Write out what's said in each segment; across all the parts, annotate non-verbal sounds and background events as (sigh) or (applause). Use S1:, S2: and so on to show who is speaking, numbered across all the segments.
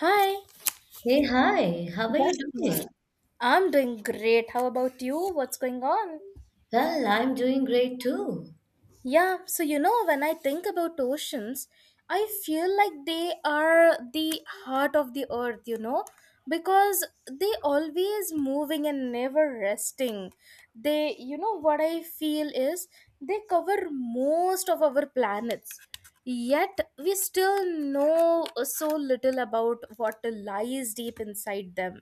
S1: Hi,
S2: Hey, hi, how are you doing?
S1: I'm doing great. How about you? What's going on?
S2: Well, I'm doing great too.
S1: Yeah, so you know, when I think about oceans, I feel like they are the heart of the earth, you know, because they always moving and never resting. They, you know, what I feel is they cover most of our planets. Yet we still know so little about what lies deep inside them.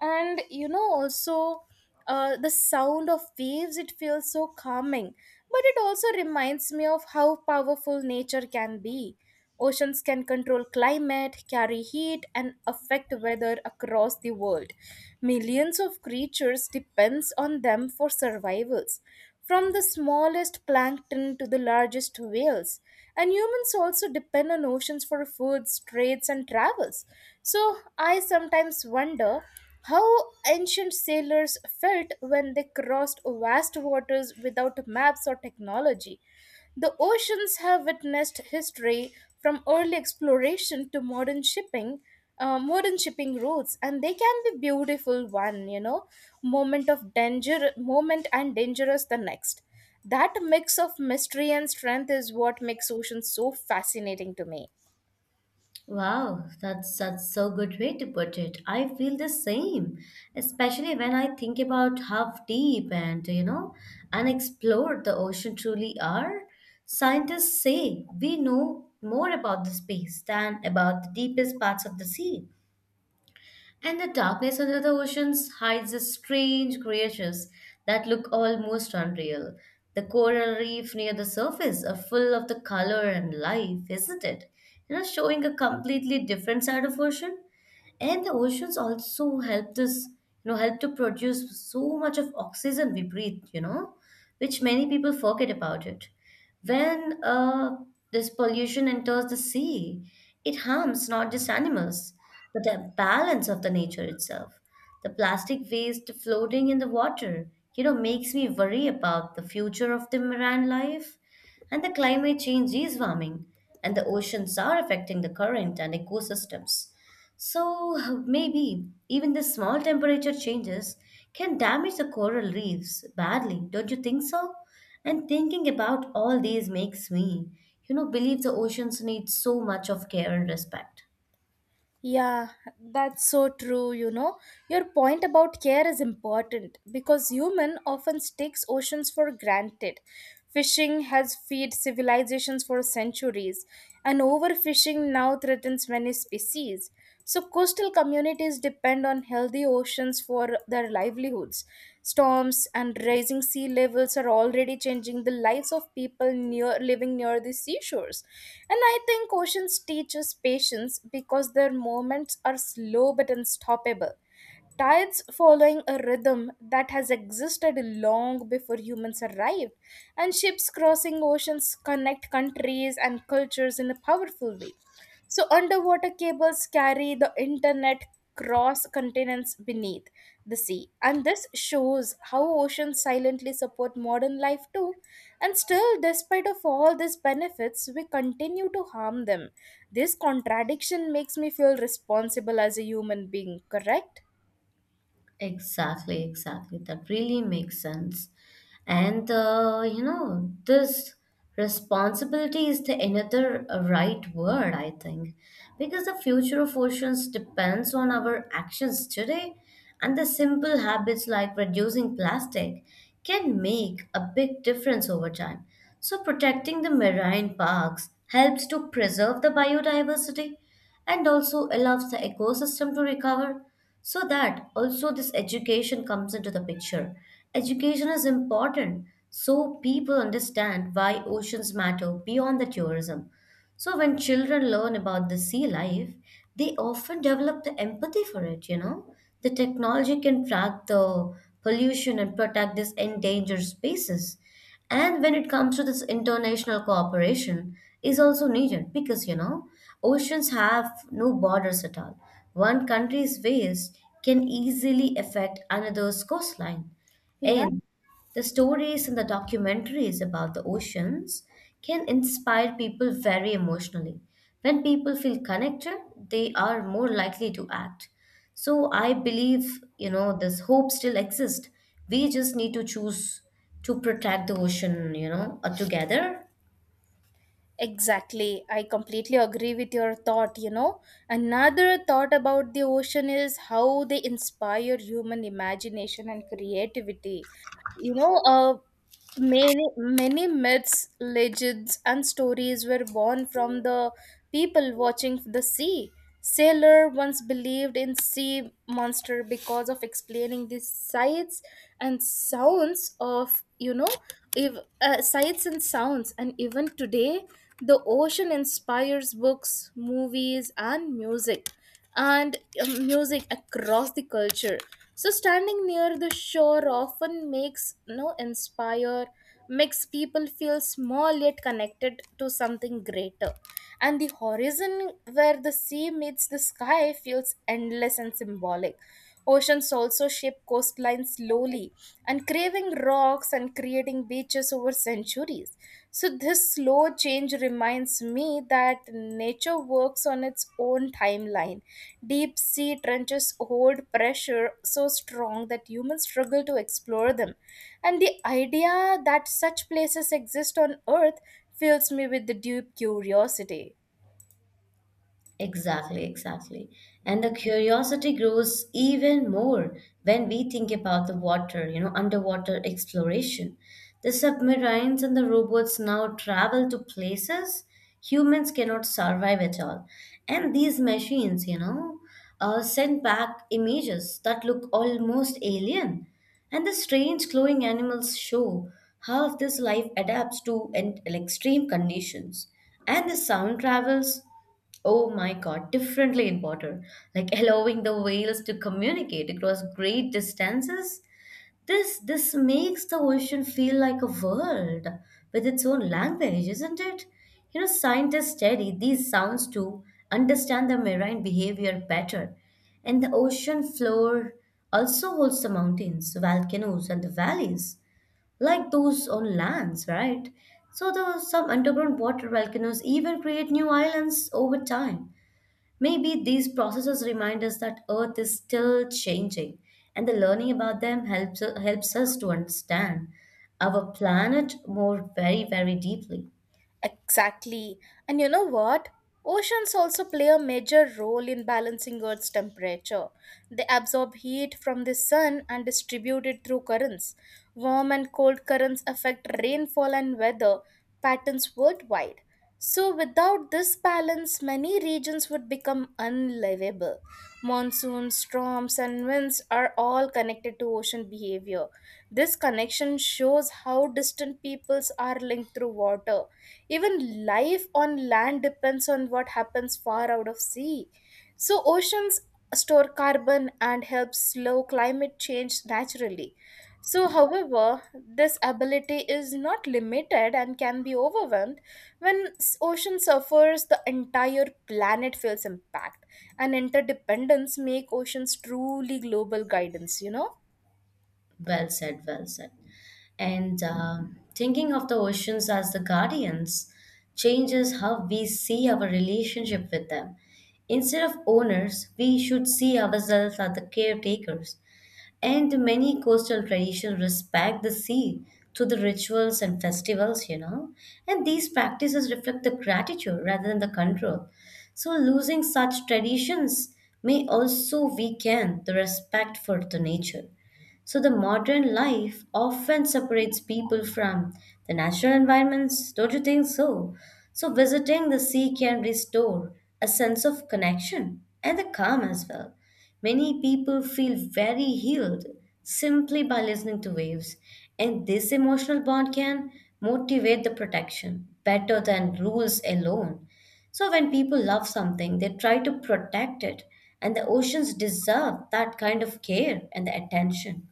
S1: And you know, also the sound of waves, it feels so calming. But it also reminds me of how powerful nature can be. Oceans can control climate, carry heat, and affect weather across the world. Millions of creatures depends on them for survivals, from the smallest plankton to the largest whales. And humans also depend on oceans for foods, trades, and travels. So I sometimes wonder how ancient sailors felt when they crossed vast waters without maps or technology. The oceans have witnessed history from early exploration to modern shipping routes, and they can be beautiful one, you know, moment of danger, moment and dangerous the next. That mix of mystery and strength is what makes oceans so fascinating to me.
S2: Wow, that's so good way to put it. I feel the same, especially when I think about how deep and unexplored the ocean truly are. Scientists say we know more about the space than about the deepest parts of the sea. And the darkness under the oceans hides the strange creatures that look almost unreal. The coral reef near the surface are full of the color and life, isn't it? Showing a completely different side of ocean, and the oceans also help this help to produce so much of oxygen we breathe, which many people forget about it, when this pollution enters the sea. It harms not just animals but the balance of the nature itself. The plastic waste floating in the water makes me worry about the future of the marine life. And the climate change is warming, and the oceans are affecting the current and ecosystems. So (laughs) maybe even the small temperature changes can damage the coral reefs badly, don't you think so? And thinking about all these makes me believe the oceans need so much of care and respect.
S1: Yeah, that's so true, you know. Your point about care is important because human often takes oceans for granted. Fishing has fed civilizations for centuries, and overfishing now threatens many species. So, coastal communities depend on healthy oceans for their livelihoods. Storms and rising sea levels are already changing the lives of people near living near the seashores. And I think oceans teach us patience because their movements are slow but unstoppable. Tides following a rhythm that has existed long before humans arrived, and ships crossing oceans connect countries and cultures in a powerful way. So, underwater cables carry the internet cross continents beneath the sea. And this shows how oceans silently support modern life too. And still, despite of all these benefits, we continue to harm them. This contradiction makes me feel responsible as a human being, correct?
S2: Exactly, exactly. That really makes sense. This responsibility is the another right word, I think, because the future of oceans depends on our actions today, and the simple habits like reducing plastic can make a big difference over time. So protecting the marine parks helps to preserve the biodiversity and also allows the ecosystem to recover. So that also this education comes into the picture. Education is important so people understand why oceans matter beyond the tourism. So when children learn about the sea life, they often develop the empathy for it. The technology can track the pollution and protect these endangered species. And when it comes to this, international cooperation is also needed, because oceans have no borders at all. One country's waste can easily affect another's coastline.
S1: Yeah,
S2: And the stories and the documentaries about the oceans can inspire people very emotionally. When people feel connected, they are more likely to act. So I believe this hope still exists. We just need to choose to protect the ocean together.
S1: exactly. I completely agree with your thought, you know. Another thought about the ocean is how they inspire human imagination and creativity. You know, many myths, legends, and stories were born from the people watching the sea. Sailor once believed in sea monster because of explaining the sights and sounds of, you know, if, sights and sounds. And even today, the ocean inspires books, movies, and music, and music across the culture. So standing near the shore often makes, you know, inspire makes people feel small yet connected to something greater. And the horizon where the sea meets the sky feels endless and symbolic. Oceans also shape coastlines slowly, uncraving rocks and creating beaches over centuries. So, this slow change reminds me that nature works on its own timeline. Deep sea trenches hold pressure so strong that humans struggle to explore them. And the idea that such places exist on Earth fills me with the deep curiosity.
S2: Exactly, exactly. And the curiosity grows even more when we think about the water, underwater exploration. The submarines and the robots now travel to places humans cannot survive at all. And these machines send back images that look almost alien. And the strange glowing animals show how this life adapts to and extreme conditions. And the sound travels, oh my God, differently in water, like allowing the whales to communicate across great distances. This makes the ocean feel like a world with its own language, isn't it? Scientists study these sounds to understand the marine behavior better. And the ocean floor also holds the mountains, volcanoes, and the valleys, like those on lands, right? So, some underground water volcanoes even create new islands over time. Maybe these processes remind us that Earth is still changing, and the learning about them helps us to understand our planet more very, very deeply.
S1: Exactly. And you know what? Oceans also play a major role in balancing Earth's temperature. They absorb heat from the sun and distribute it through currents. Warm and cold currents affect rainfall and weather patterns worldwide. So, without this balance, many regions would become unlivable. Monsoons, storms, and winds are all connected to ocean behavior. This connection shows how distant peoples are linked through water, even life on land depends on what happens far out of sea. So oceans store carbon and help slow climate change naturally. So, however, this ability is not limited and can be overwhelmed. When ocean suffers, the entire planet feels impact. And interdependence make oceans truly global guidance, you know?
S2: Well said, well said. And thinking of the oceans as the guardians changes how we see our relationship with them. Instead of owners, we should see ourselves as the caretakers. And many coastal traditions respect the sea through the rituals and festivals. And these practices reflect the gratitude rather than the control. So losing such traditions may also weaken the respect for the nature. So the modern life often separates people from the natural environments. Don't you think so? So visiting the sea can restore a sense of connection and the calm as well. Many people feel very healed simply by listening to waves, and this emotional bond can motivate the protection better than rules alone. So, when people love something, they try to protect it, and the oceans deserve that kind of care and the attention.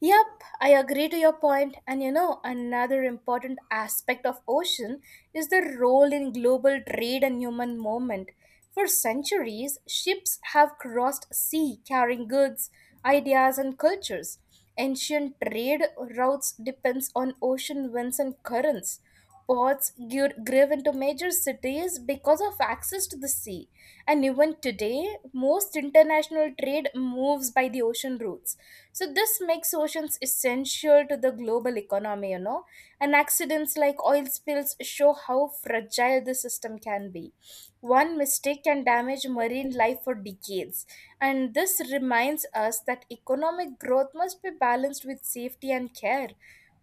S1: Yep, I agree to your point. And you know, another important aspect of ocean is the role in global trade and human movement. For centuries, ships have crossed sea carrying goods, ideas, and cultures. Ancient trade routes depends on ocean winds and currents. Ports grew into major cities because of access to the sea. And even today, most international trade moves by the ocean routes. So, this makes oceans essential to the global economy, you know. And accidents like oil spills show how fragile the system can be. One mistake can damage marine life for decades, and this reminds us that economic growth must be balanced with safety and care.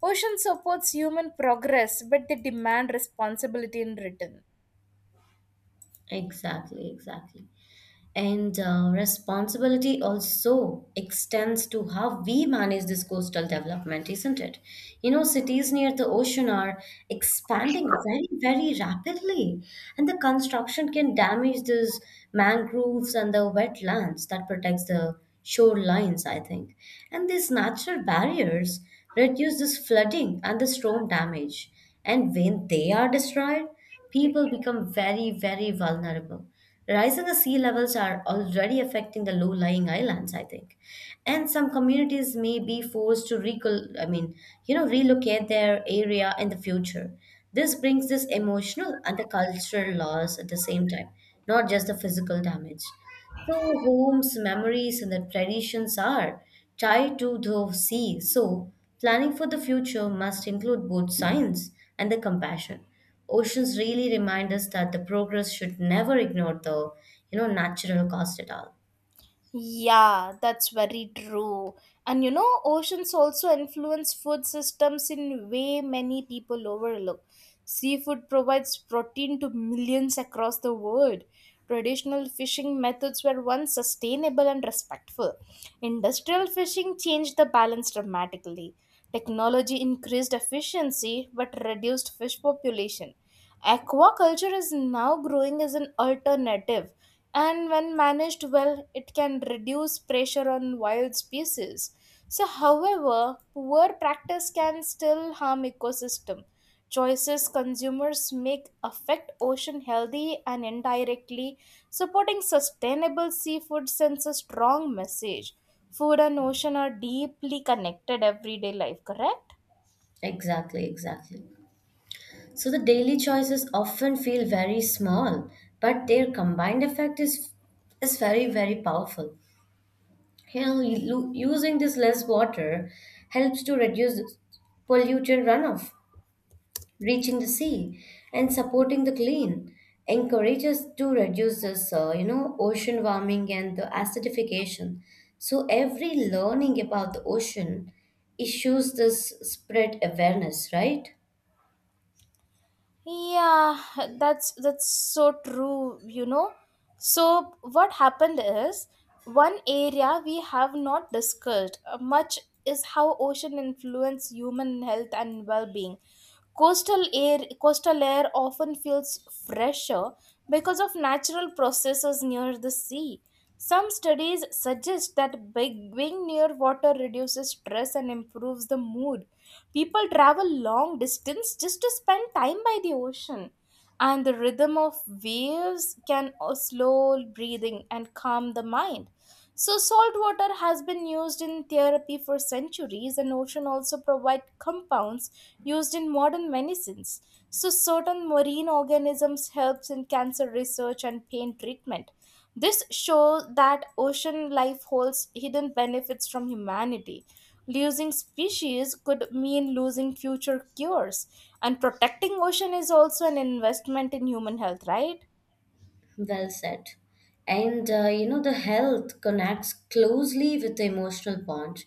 S1: Ocean supports human progress, but they demand responsibility in return.
S2: Exactly, exactly. And responsibility also extends to how we manage this coastal development, isn't it? Cities near the ocean are expanding very, very rapidly, and the construction can damage these mangroves and the wetlands that protects the shorelines, I think. And these natural barriers reduce this flooding and the storm damage. And when they are destroyed, people become very, very vulnerable. Rising the sea levels are already affecting the low-lying islands, I think. And some communities may be forced to recol I mean, you know, relocate their area in the future. This brings this emotional and the cultural loss at the same time, not just the physical damage. So homes, memories, and the traditions are tied to the sea. So planning for the future must include both science and the compassion. Oceans really remind us that the progress should never ignore the natural cost at all.
S1: Yeah, that's very true. And you know, oceans also influence food systems in way many people overlook. Seafood provides protein to millions across the world. Traditional fishing methods were once sustainable and respectful. Industrial fishing changed the balance dramatically. Technology increased efficiency but reduced fish population. Aquaculture is now growing as an alternative, and when managed well, it can reduce pressure on wild species. So, however, poor practice can still harm ecosystem. Choices consumers make affect ocean healthy, and indirectly supporting sustainable seafood sends a strong message. Food and ocean are deeply connected everyday life, correct?
S2: Exactly, exactly. So the daily choices often feel very small, but their combined effect is very, very powerful. Using this less water helps to reduce pollutant runoff reaching the sea, and supporting the clean encourages to reduce this ocean warming and the acidification. So every learning about the ocean issues this spread awareness, right?
S1: Yeah, that's so true, you know. So what happened is, one area we have not discussed much is how ocean influence human health and well-being. Coastal air often feels fresher because of natural processes near the sea. Some studies suggest that being near water reduces stress and improves the mood. People travel long distance just to spend time by the ocean, and the rhythm of waves can slow breathing and calm the mind. So, salt water has been used in therapy for centuries, and ocean also provide compounds used in modern medicines. So, certain marine organisms helps in cancer research and pain treatment. This shows that ocean life holds hidden benefits from humanity. Losing species could mean losing future cures, and protecting ocean is also an investment in human health, right?
S2: Well said. And the health connects closely with the emotional bond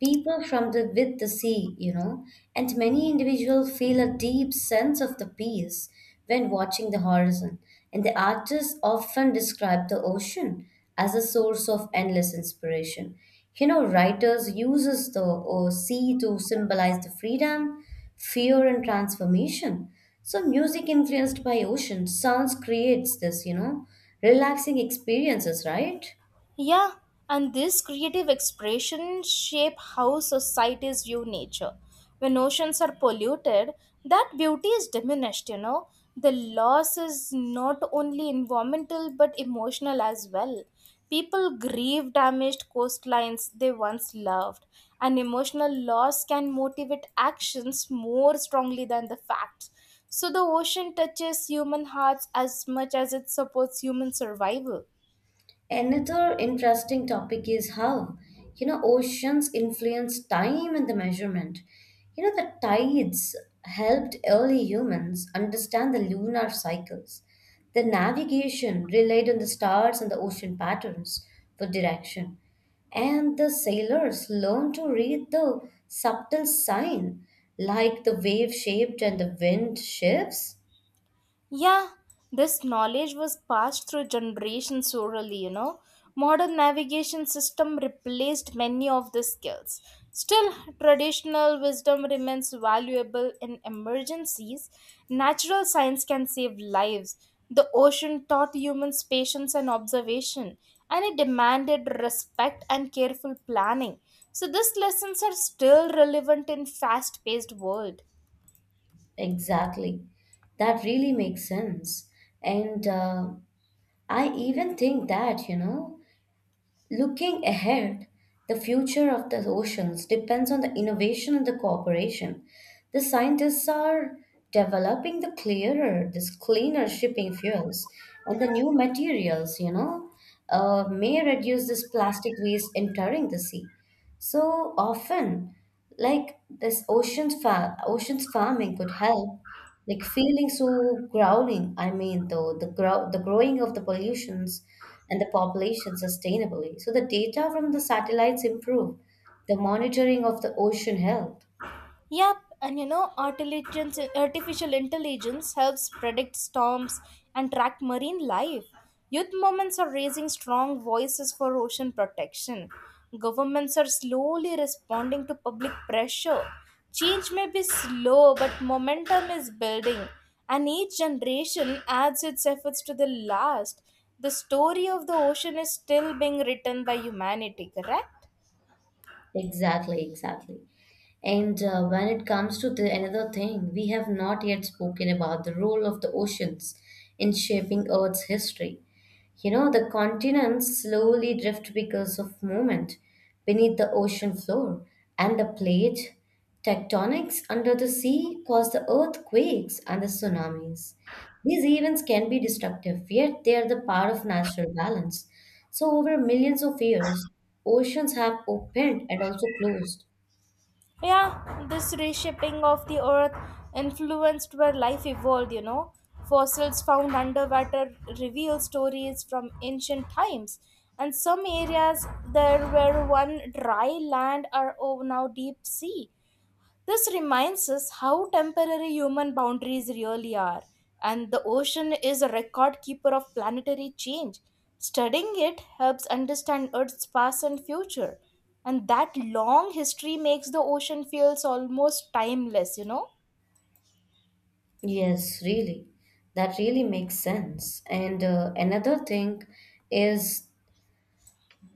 S2: people from the with the sea, and many individuals feel a deep sense of the peace when watching the horizon. And the artists often describe the ocean as a source of endless inspiration. Writers uses the sea to symbolize the freedom, fear, and transformation. So music influenced by ocean sounds creates this relaxing experiences, right?
S1: Yeah, and this creative expression shape how societies view nature. When oceans are polluted, that beauty is diminished, you know. The loss is not only environmental but emotional as well. People grieve damaged coastlines they once loved, and emotional loss can motivate actions more strongly than the facts. So the ocean touches human hearts as much as it supports human survival.
S2: Another interesting topic is how oceans influence time and the measurement. The tides helped early humans understand the lunar cycles. The navigation relied on the stars and the ocean patterns for direction. And the sailors learned to read the subtle sign, like the wave shaped and the wind shifts.
S1: Yeah, this knowledge was passed through generations orally, you know. Modern navigation system replaced many of the skills. Still, traditional wisdom remains valuable in emergencies. Natural science can save lives. The ocean taught humans patience and observation, and it demanded respect and careful planning. So these lessons are still relevant in fast-paced world.
S2: Exactly. That really makes sense. And I even think that looking ahead, the future of the oceans depends on the innovation and the cooperation. The scientists are developing this cleaner shipping fuels, and the new materials may reduce this plastic waste entering the sea. So often, like this oceans farming could help, like feeling so growling, I mean though the growing of the pollutions and the population sustainably. So the data from the satellites improve the monitoring of the ocean health.
S1: Yep, and you know, artificial intelligence helps predict storms and track marine life. Youth movements are raising strong voices for ocean protection. Governments are slowly responding to public pressure. Change may be slow, but momentum is building, and each generation adds its efforts to the last. The story of the ocean is still being written by humanity, correct?
S2: Exactly, exactly. And when it comes to the another thing, we have not yet spoken about the role of the oceans in shaping Earth's history. The continents slowly drift because of movement beneath the ocean floor, and the plate tectonics under the sea cause the earthquakes and the tsunamis. These events can be destructive, yet they are the part of natural balance. So, over millions of years, oceans have opened and also closed.
S1: Yeah, this reshaping of the earth influenced where life evolved, you know. Fossils found underwater reveal stories from ancient times, and some areas there were one dry land are now deep sea. This reminds us how temporary human boundaries really are, and the ocean is a record keeper of planetary change. Studying it helps understand Earth's past and future, and that long history makes the ocean feels almost timeless, you know.
S2: Yes, really. That really makes sense. And another thing is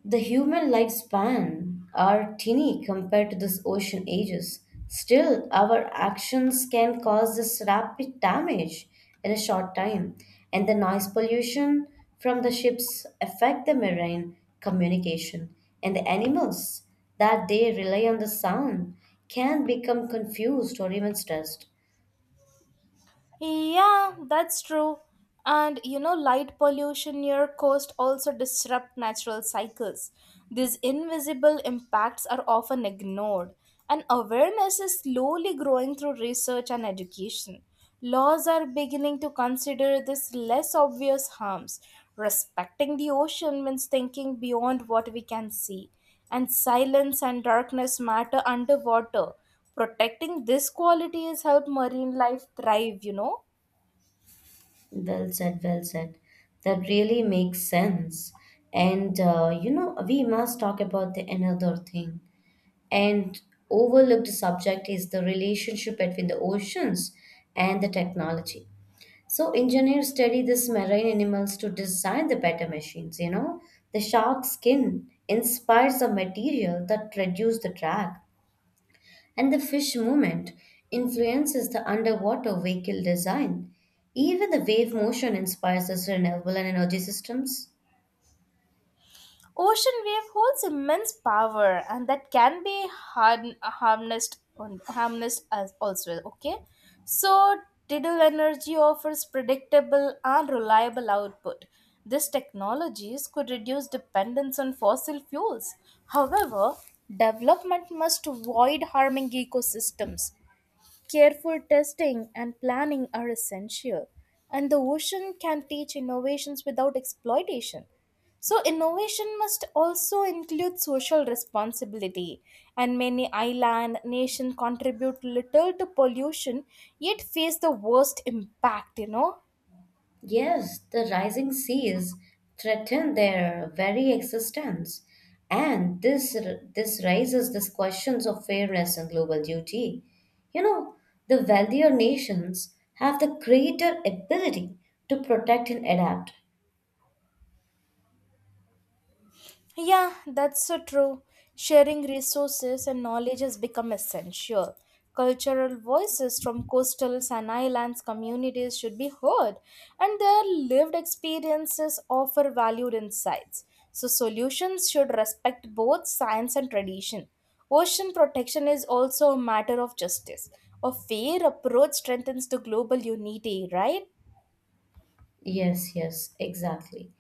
S2: the human lifespan are teeny compared to this ocean ages. Still, our actions can cause this rapid damage in a short time, and the noise pollution from the ships affect the marine communication, and the animals that they rely on the sound can become confused or even stressed.
S1: Yeah, that's true. And you know, light pollution near coast also disrupt natural cycles. These invisible impacts are often ignored, and awareness is slowly growing through research and education. Laws are beginning to consider these less obvious harms. Respecting the ocean means thinking beyond what we can see, and silence and darkness matter underwater. Protecting this quality has helped marine life thrive, you know.
S2: Well said, well said. That really makes sense. And we must talk about the another thing. And overlooked subject is the relationship between the oceans and the technology. So engineers study these marine animals to design the better machines. The shark skin inspires the material that reduce the drag, and the fish movement influences the underwater vehicle design. Even the wave motion inspires us renewable and energy systems.
S1: Ocean wave holds immense power and that can be harnessed, harnessed as also, okay? So, tidal energy offers predictable and reliable output. These technologies could reduce dependence on fossil fuels. However, development must avoid harming ecosystems. Careful testing and planning are essential, and the ocean can teach innovations without exploitation. So, innovation must also include social responsibility, and many island nations contribute little to pollution yet face the worst impact, you know.
S2: Yes, the rising seas threaten their very existence. And this raises these questions of fairness and global duty. You know, the wealthier nations have the greater ability to protect and adapt.
S1: Yeah, that's so true. Sharing resources and knowledge has become essential. Cultural voices from coastal and islands communities should be heard, and their lived experiences offer valued insights. So, solutions should respect both science and tradition. Ocean protection is also a matter of justice. A fair approach strengthens the global unity, right?
S2: Yes, yes, exactly.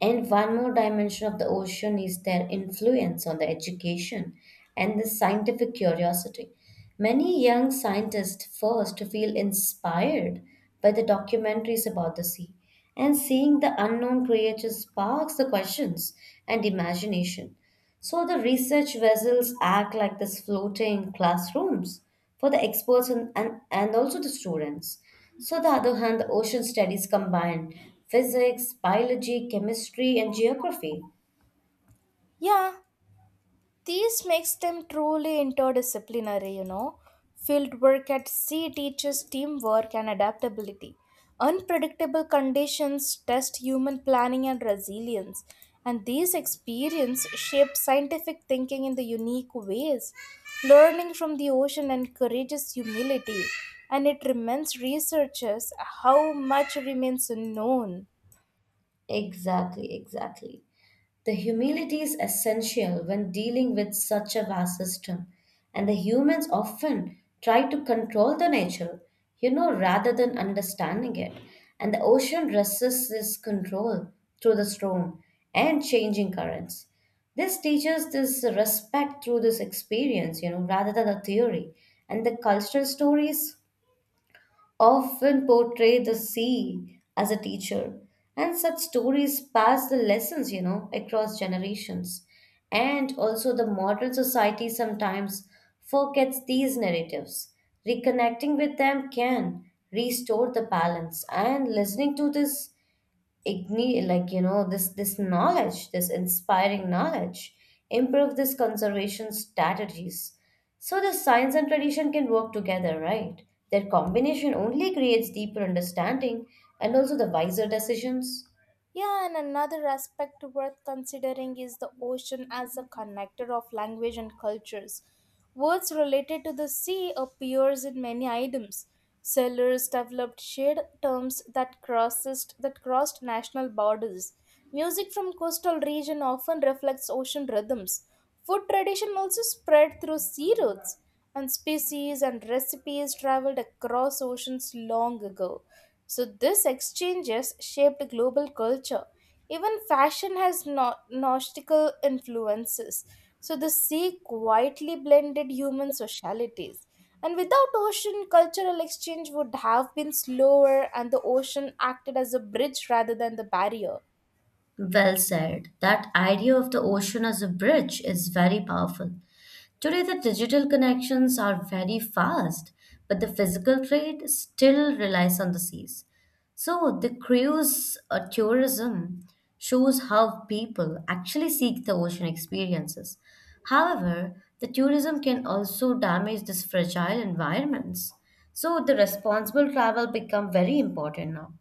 S2: And one more dimension of the ocean is their influence on the education and the scientific curiosity. Many young scientists first feel inspired by the documentaries about the sea, and seeing the unknown creatures sparks the questions and imagination. So the research vessels act like this floating classrooms for the experts and also the students. So the other hand, the ocean studies combine physics, biology, chemistry, and geography.
S1: Yeah, this makes them truly interdisciplinary, you know. Field work at sea teaches teamwork and adaptability. Unpredictable conditions test human planning and resilience, and these experiences shape scientific thinking in the unique ways. Learning from the ocean encourages humility, and it reminds researchers how much remains unknown.
S2: Exactly, exactly. The humility is essential when dealing with such a vast system, and the humans often try to control the nature rather than understanding it. And the ocean resists this control through the storm and changing currents. This teaches this respect through this experience rather than a theory. And the cultural stories often portray the sea as a teacher. And such stories pass the lessons, you know, across generations. And also, the modern society sometimes forgets these narratives. Reconnecting with them can restore the balance. And listening to this igni like you know this this knowledge, this inspiring knowledge improve this conservation strategies, so the science and tradition can work together, right? Their combination only creates deeper understanding and also the wiser decisions.
S1: Yeah, and another aspect worth considering is the ocean as a connector of language and cultures. Words related to the sea appears in many items. Sailors developed shared terms that crossed national borders. Music from coastal region often reflects ocean rhythms. Food tradition also spread through sea routes and species and recipes traveled across oceans long ago. So these exchanges shaped global culture. Even fashion has nautical influences. So the sea quietly blended human socialities. And without ocean, cultural exchange would have been slower, and the ocean acted as a bridge rather than the barrier.
S2: Well said. That idea of the ocean as a bridge is very powerful. Today, the digital connections are very fast, but the physical trade still relies on the seas. So, the cruise tourism shows how people actually seek the ocean experiences. However, the tourism can also damage these fragile environments. So, the responsible travel become very important now.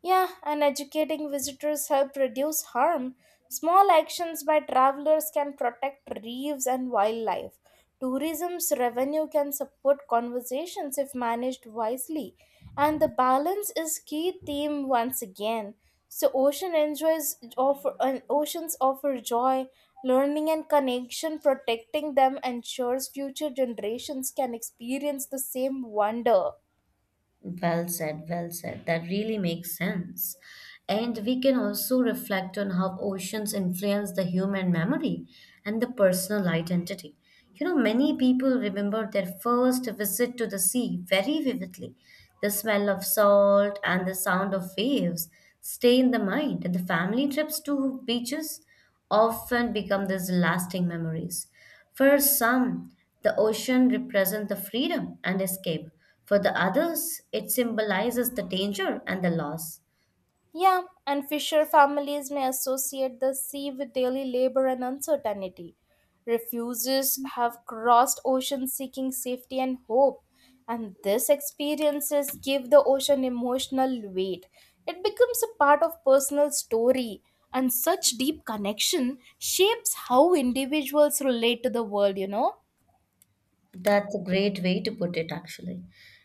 S1: Yeah, and educating visitors help reduce harm. Small actions by travelers can protect reefs and wildlife. Tourism's revenue can support conversations if managed wisely. And the balance is key theme once again. So ocean enjoys offer and oceans offer joy, learning and connection, protecting them ensures future generations can experience the same wonder.
S2: Well said, well said. That really makes sense. And we can also reflect on how oceans influence the human memory and the personal identity. You know, many people remember their first visit to the sea very vividly. The smell of salt and the sound of waves stay in the mind, and the family trips to beaches often become these lasting memories. For some, the ocean represents the freedom and escape. For the others, it symbolizes the danger and the loss.
S1: Yeah, and fisher families may associate the sea with daily labor and uncertainty. Refugees have crossed oceans seeking safety and hope, and these experiences give the ocean emotional weight. It becomes a part of personal story, and such deep connection shapes how individuals relate to the world,
S2: That's a great way to put it, actually.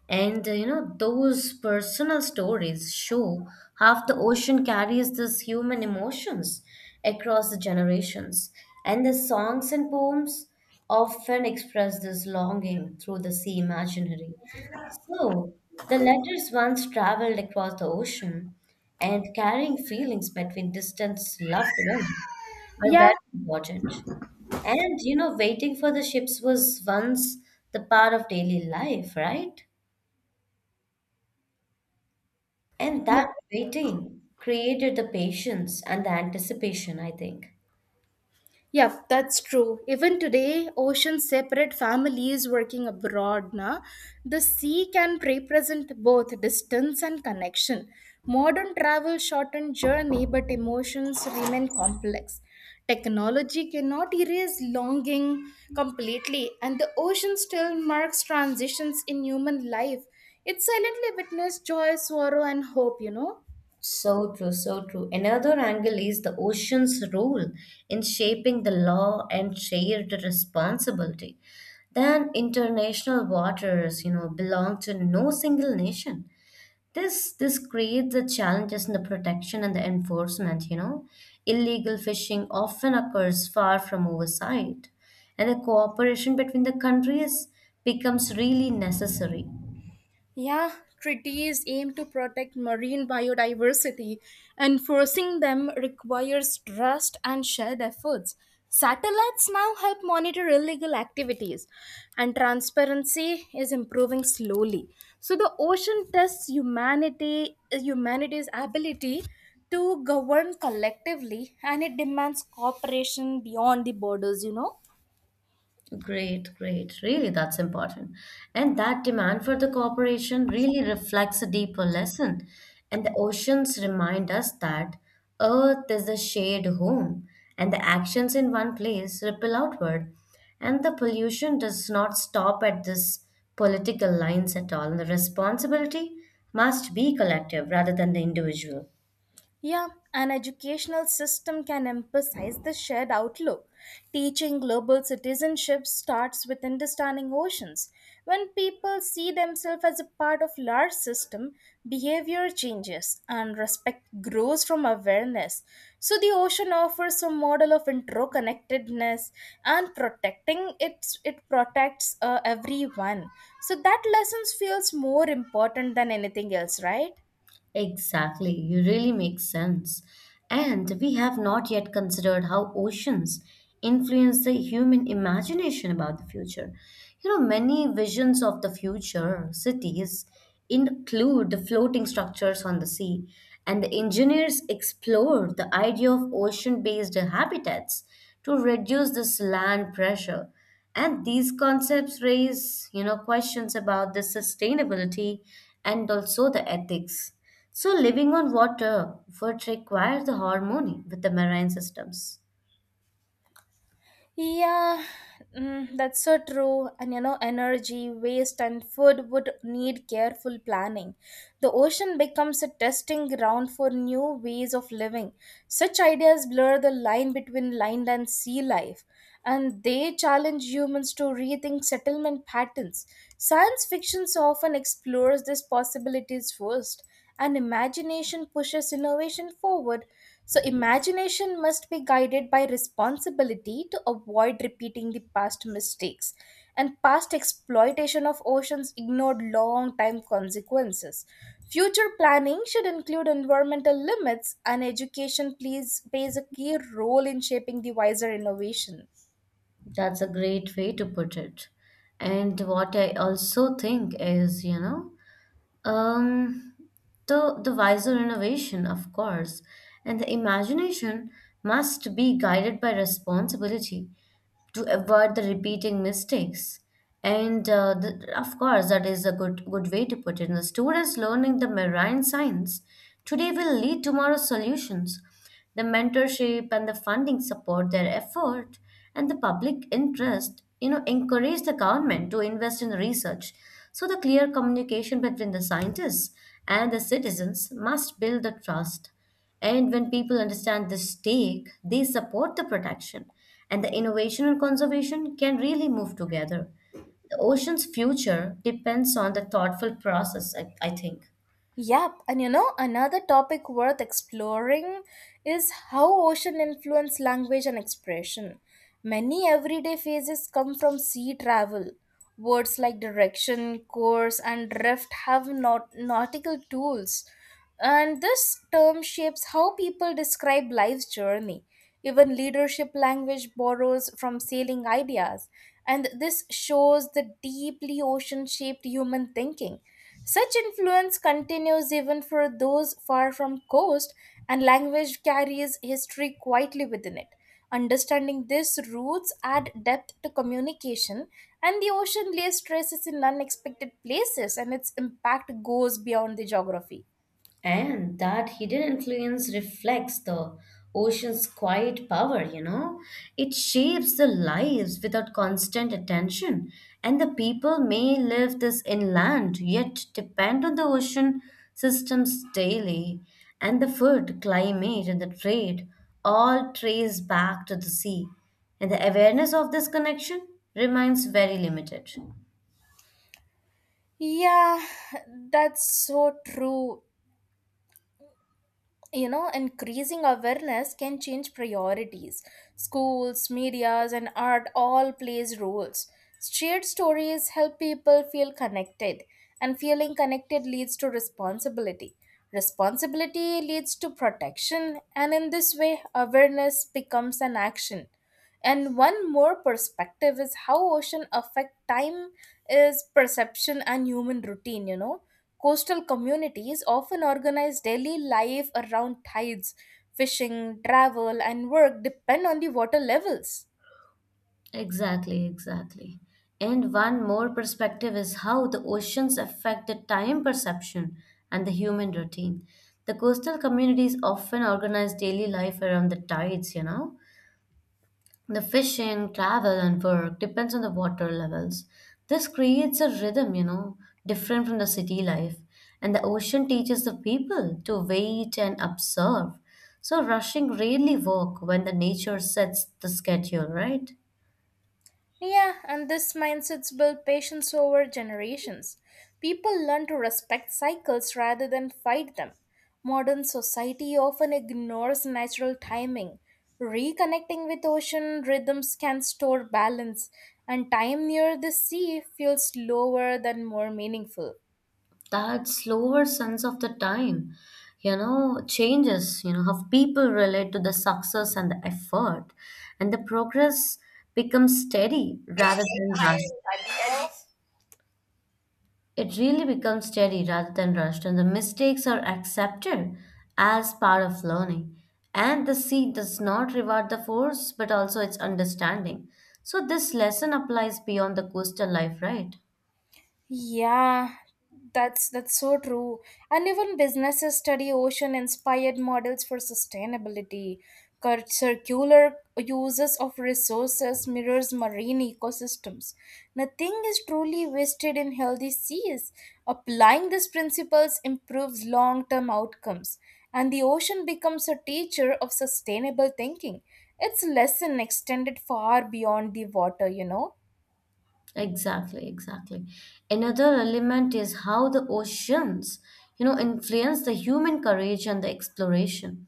S2: And you know, those personal stories show how the ocean carries these human emotions across the generations. And the songs and poems often express this longing through the sea imaginary. So, the letters once traveled across the ocean and carrying feelings between distant loved ones are
S1: Yeah,
S2: very important. And you know, waiting for the ships was once the part of daily life, right? And
S1: yeah.
S2: that waiting created the patience and the anticipation, I think.
S1: Yeah, that's true. Even today, oceans separate families working abroad. Na, the sea can represent both distance and connection. Modern travel shortened journey, but emotions remain complex. Technology cannot erase longing completely, and the ocean still marks transitions in human life. It silently witnessed joy, sorrow, and hope.
S2: So true, so true. Another angle is the ocean's role in shaping the law and shared responsibility. Then international waters, you know, belong to no single nation. This creates the challenges in the protection and the enforcement, you know. Illegal fishing often occurs far from oversight, and the cooperation between the countries becomes really necessary.
S1: Yeah, treaties aim to protect marine biodiversity. Enforcing them requires trust and shared efforts. Satellites now help monitor illegal activities, and transparency is improving slowly. So the ocean tests humanity's ability to govern collectively, and it demands cooperation beyond the borders.
S2: Great, great. Really, that's important. And that demand for the cooperation really reflects a deeper lesson. And the oceans remind us that Earth is a shared home, and the actions in one place ripple outward. And the pollution does not stop at this political lines at all. And the responsibility must be collective rather than the individual.
S1: Yeah, an educational system can emphasize the shared outlook. Teaching global citizenship starts with understanding oceans. When people see themselves as a part of large system, behavior changes and respect grows from awareness. So the ocean offers a model of interconnectedness and protecting it protects everyone. So that lesson feels more important than anything else, right?
S2: Exactly, you really make sense. And we have not yet considered how oceans influence the human imagination about the future. You know, many visions of the future cities include the floating structures on the sea, and the engineers explored the idea of ocean based habitats to reduce this land pressure. And these concepts raise, you know, questions about the sustainability and also the ethics. So living on water would require the harmony with the marine systems.
S1: Yeah, that's so true. And you know, energy, waste, and food would need careful planning. The ocean becomes a testing ground for new ways of living. Such ideas blur the line between land and sea life, and they challenge humans to rethink settlement patterns. Science fiction often explores these possibilities first and imagination pushes innovation forward. So, imagination must be guided by responsibility to avoid repeating the past mistakes and past exploitation of oceans ignored long time consequences. Future planning should include environmental limits, and education plays a key role in shaping the wiser innovation.
S2: That's a great way to put it. And what I also think is, Um, the wiser innovation, of course, and the imagination must be guided by responsibility to avoid the repeating mistakes. And the, of course, that is a good way to put it. The students learning the marine science today will lead tomorrow's solutions. The mentorship and the funding support their effort, and the public interest, you know, encourage the government to invest in research. So the clear communication between the scientists and the citizens must build the trust. And when people understand the stake, they support the protection, and the innovation and conservation can really move together. The ocean's future depends on the thoughtful process, I think.
S1: Yep, and you know, another topic worth exploring is how ocean influence language and expression. Many everyday phrases come from sea travel. Words like direction, course, and drift have nautical tools. And this term shapes how people describe life's journey. Even leadership language borrows from sailing ideas, and this shows the deeply ocean shaped human thinking. Such influence continues even for those far from coast, and language carries history quietly within it. Understanding these roots add depth to communication, and the ocean lays traces in unexpected places, and its impact goes beyond the geography.
S2: And that hidden influence reflects the ocean's quiet power, you know? It shapes the lives without constant attention. And the people may live this inland, yet depend on the ocean systems daily. And the food, climate, and the trade all trace back to the sea. And the awareness of this connection remains very limited.
S1: Yeah, that's so true. You know, increasing awareness can change priorities. Schools, medias, and art all plays roles. Shared stories help people feel connected, and feeling connected leads to responsibility. Responsibility leads to protection, and in this way, awareness becomes an action. And one more perspective is how ocean affect time is perception and human routine. Coastal communities often organize daily life around tides. Fishing, travel, and work depend on the water levels.
S2: Exactly, exactly. And one more perspective is how the oceans affect the time perception and the human routine. The coastal communities often organize daily life around the tides, you know. The fishing, travel, and work depends on the water levels. This creates a rhythm, you know, different from the city life. And the ocean teaches the people to wait and observe. So rushing rarely work when the nature sets the schedule, right?
S1: Yeah, and this mindset's built patience over generations. People learn to respect cycles rather than fight them. Modern society often ignores natural timing. Reconnecting with ocean rhythms can store balance, and time near the sea feels slower than more meaningful.
S2: That slower sense of the time, you know, changes, you know, how people relate to the success and the effort, and the progress becomes steady rather than rushed. It really becomes steady rather than rushed, and the mistakes are accepted as part of learning, and the seed does not reward the force but also its understanding. So this lesson applies beyond the coastal life, right?
S1: Yeah, that's so true. And even businesses study ocean-inspired models for sustainability. Circular uses of resources mirrors marine ecosystems. Nothing is truly wasted in healthy seas. Applying these principles improves long-term outcomes, and the ocean becomes a teacher of sustainable thinking. Its lesson extended far beyond the water.
S2: Exactly, exactly. Another element is how the oceans, you know, influence the human courage and the exploration.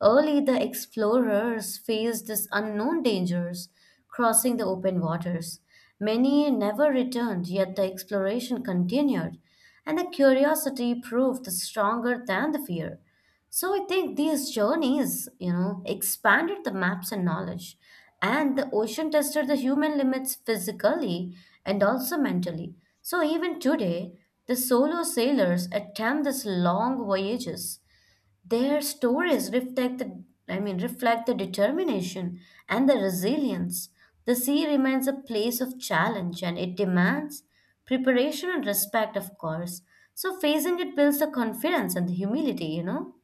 S2: Early, the explorers faced this unknown dangers, crossing the open waters. Many never returned, yet the exploration continued, and the curiosity proved stronger than the fear. So I think these journeys, you know, expanded the maps and knowledge, and the ocean tested the human limits physically and also mentally. So even today, the solo sailors attempt these long voyages. Their stories reflect the, I mean, reflect the determination and the resilience. The sea remains a place of challenge, and it demands preparation and respect, of course. So facing it builds the confidence and the humility, you know.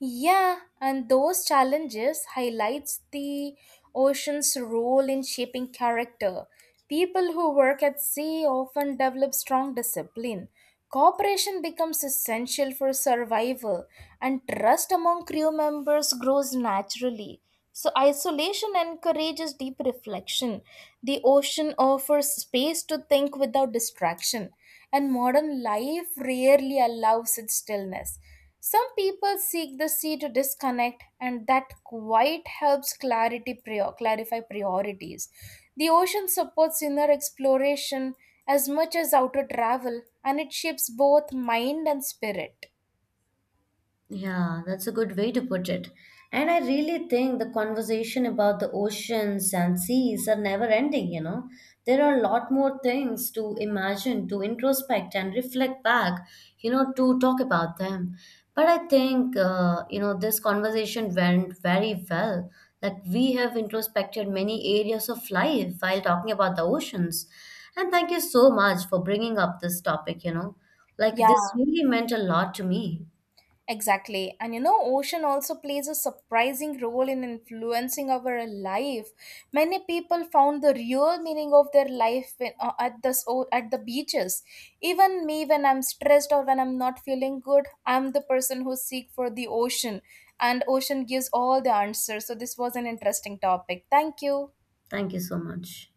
S1: Yeah, and those challenges highlights the ocean's role in shaping character. People who work at sea often develop strong discipline. Cooperation becomes essential for survival, and trust among crew members grows naturally. So, isolation encourages deep reflection. The ocean offers space to think without distraction and modern life rarely allows its stillness. Some people seek the sea to disconnect, and that quite helps clarify priorities. The ocean supports inner exploration as much as outer travel, and it shapes both mind and spirit.
S2: Yeah, that's a good way to put it. And I really think the conversation about the oceans and seas are never ending, you know. There are a lot more things to imagine, to introspect and reflect back, you know, to talk about them. But I think, you know, this conversation went very well. Like we have introspected many areas of life while talking about the oceans. And thank you so much for bringing up this topic, you know. Like
S1: Yeah,
S2: this really meant a lot to me.
S1: exactly. And you know, ocean also plays a surprising role in influencing our life. Many people found the real meaning of their life when, at the so- at the beaches. Even me when I'm stressed or when I'm not feeling good, I'm the person who seek for the ocean and ocean gives all the answers. So this was an interesting topic. Thank you.
S2: Thank you so much.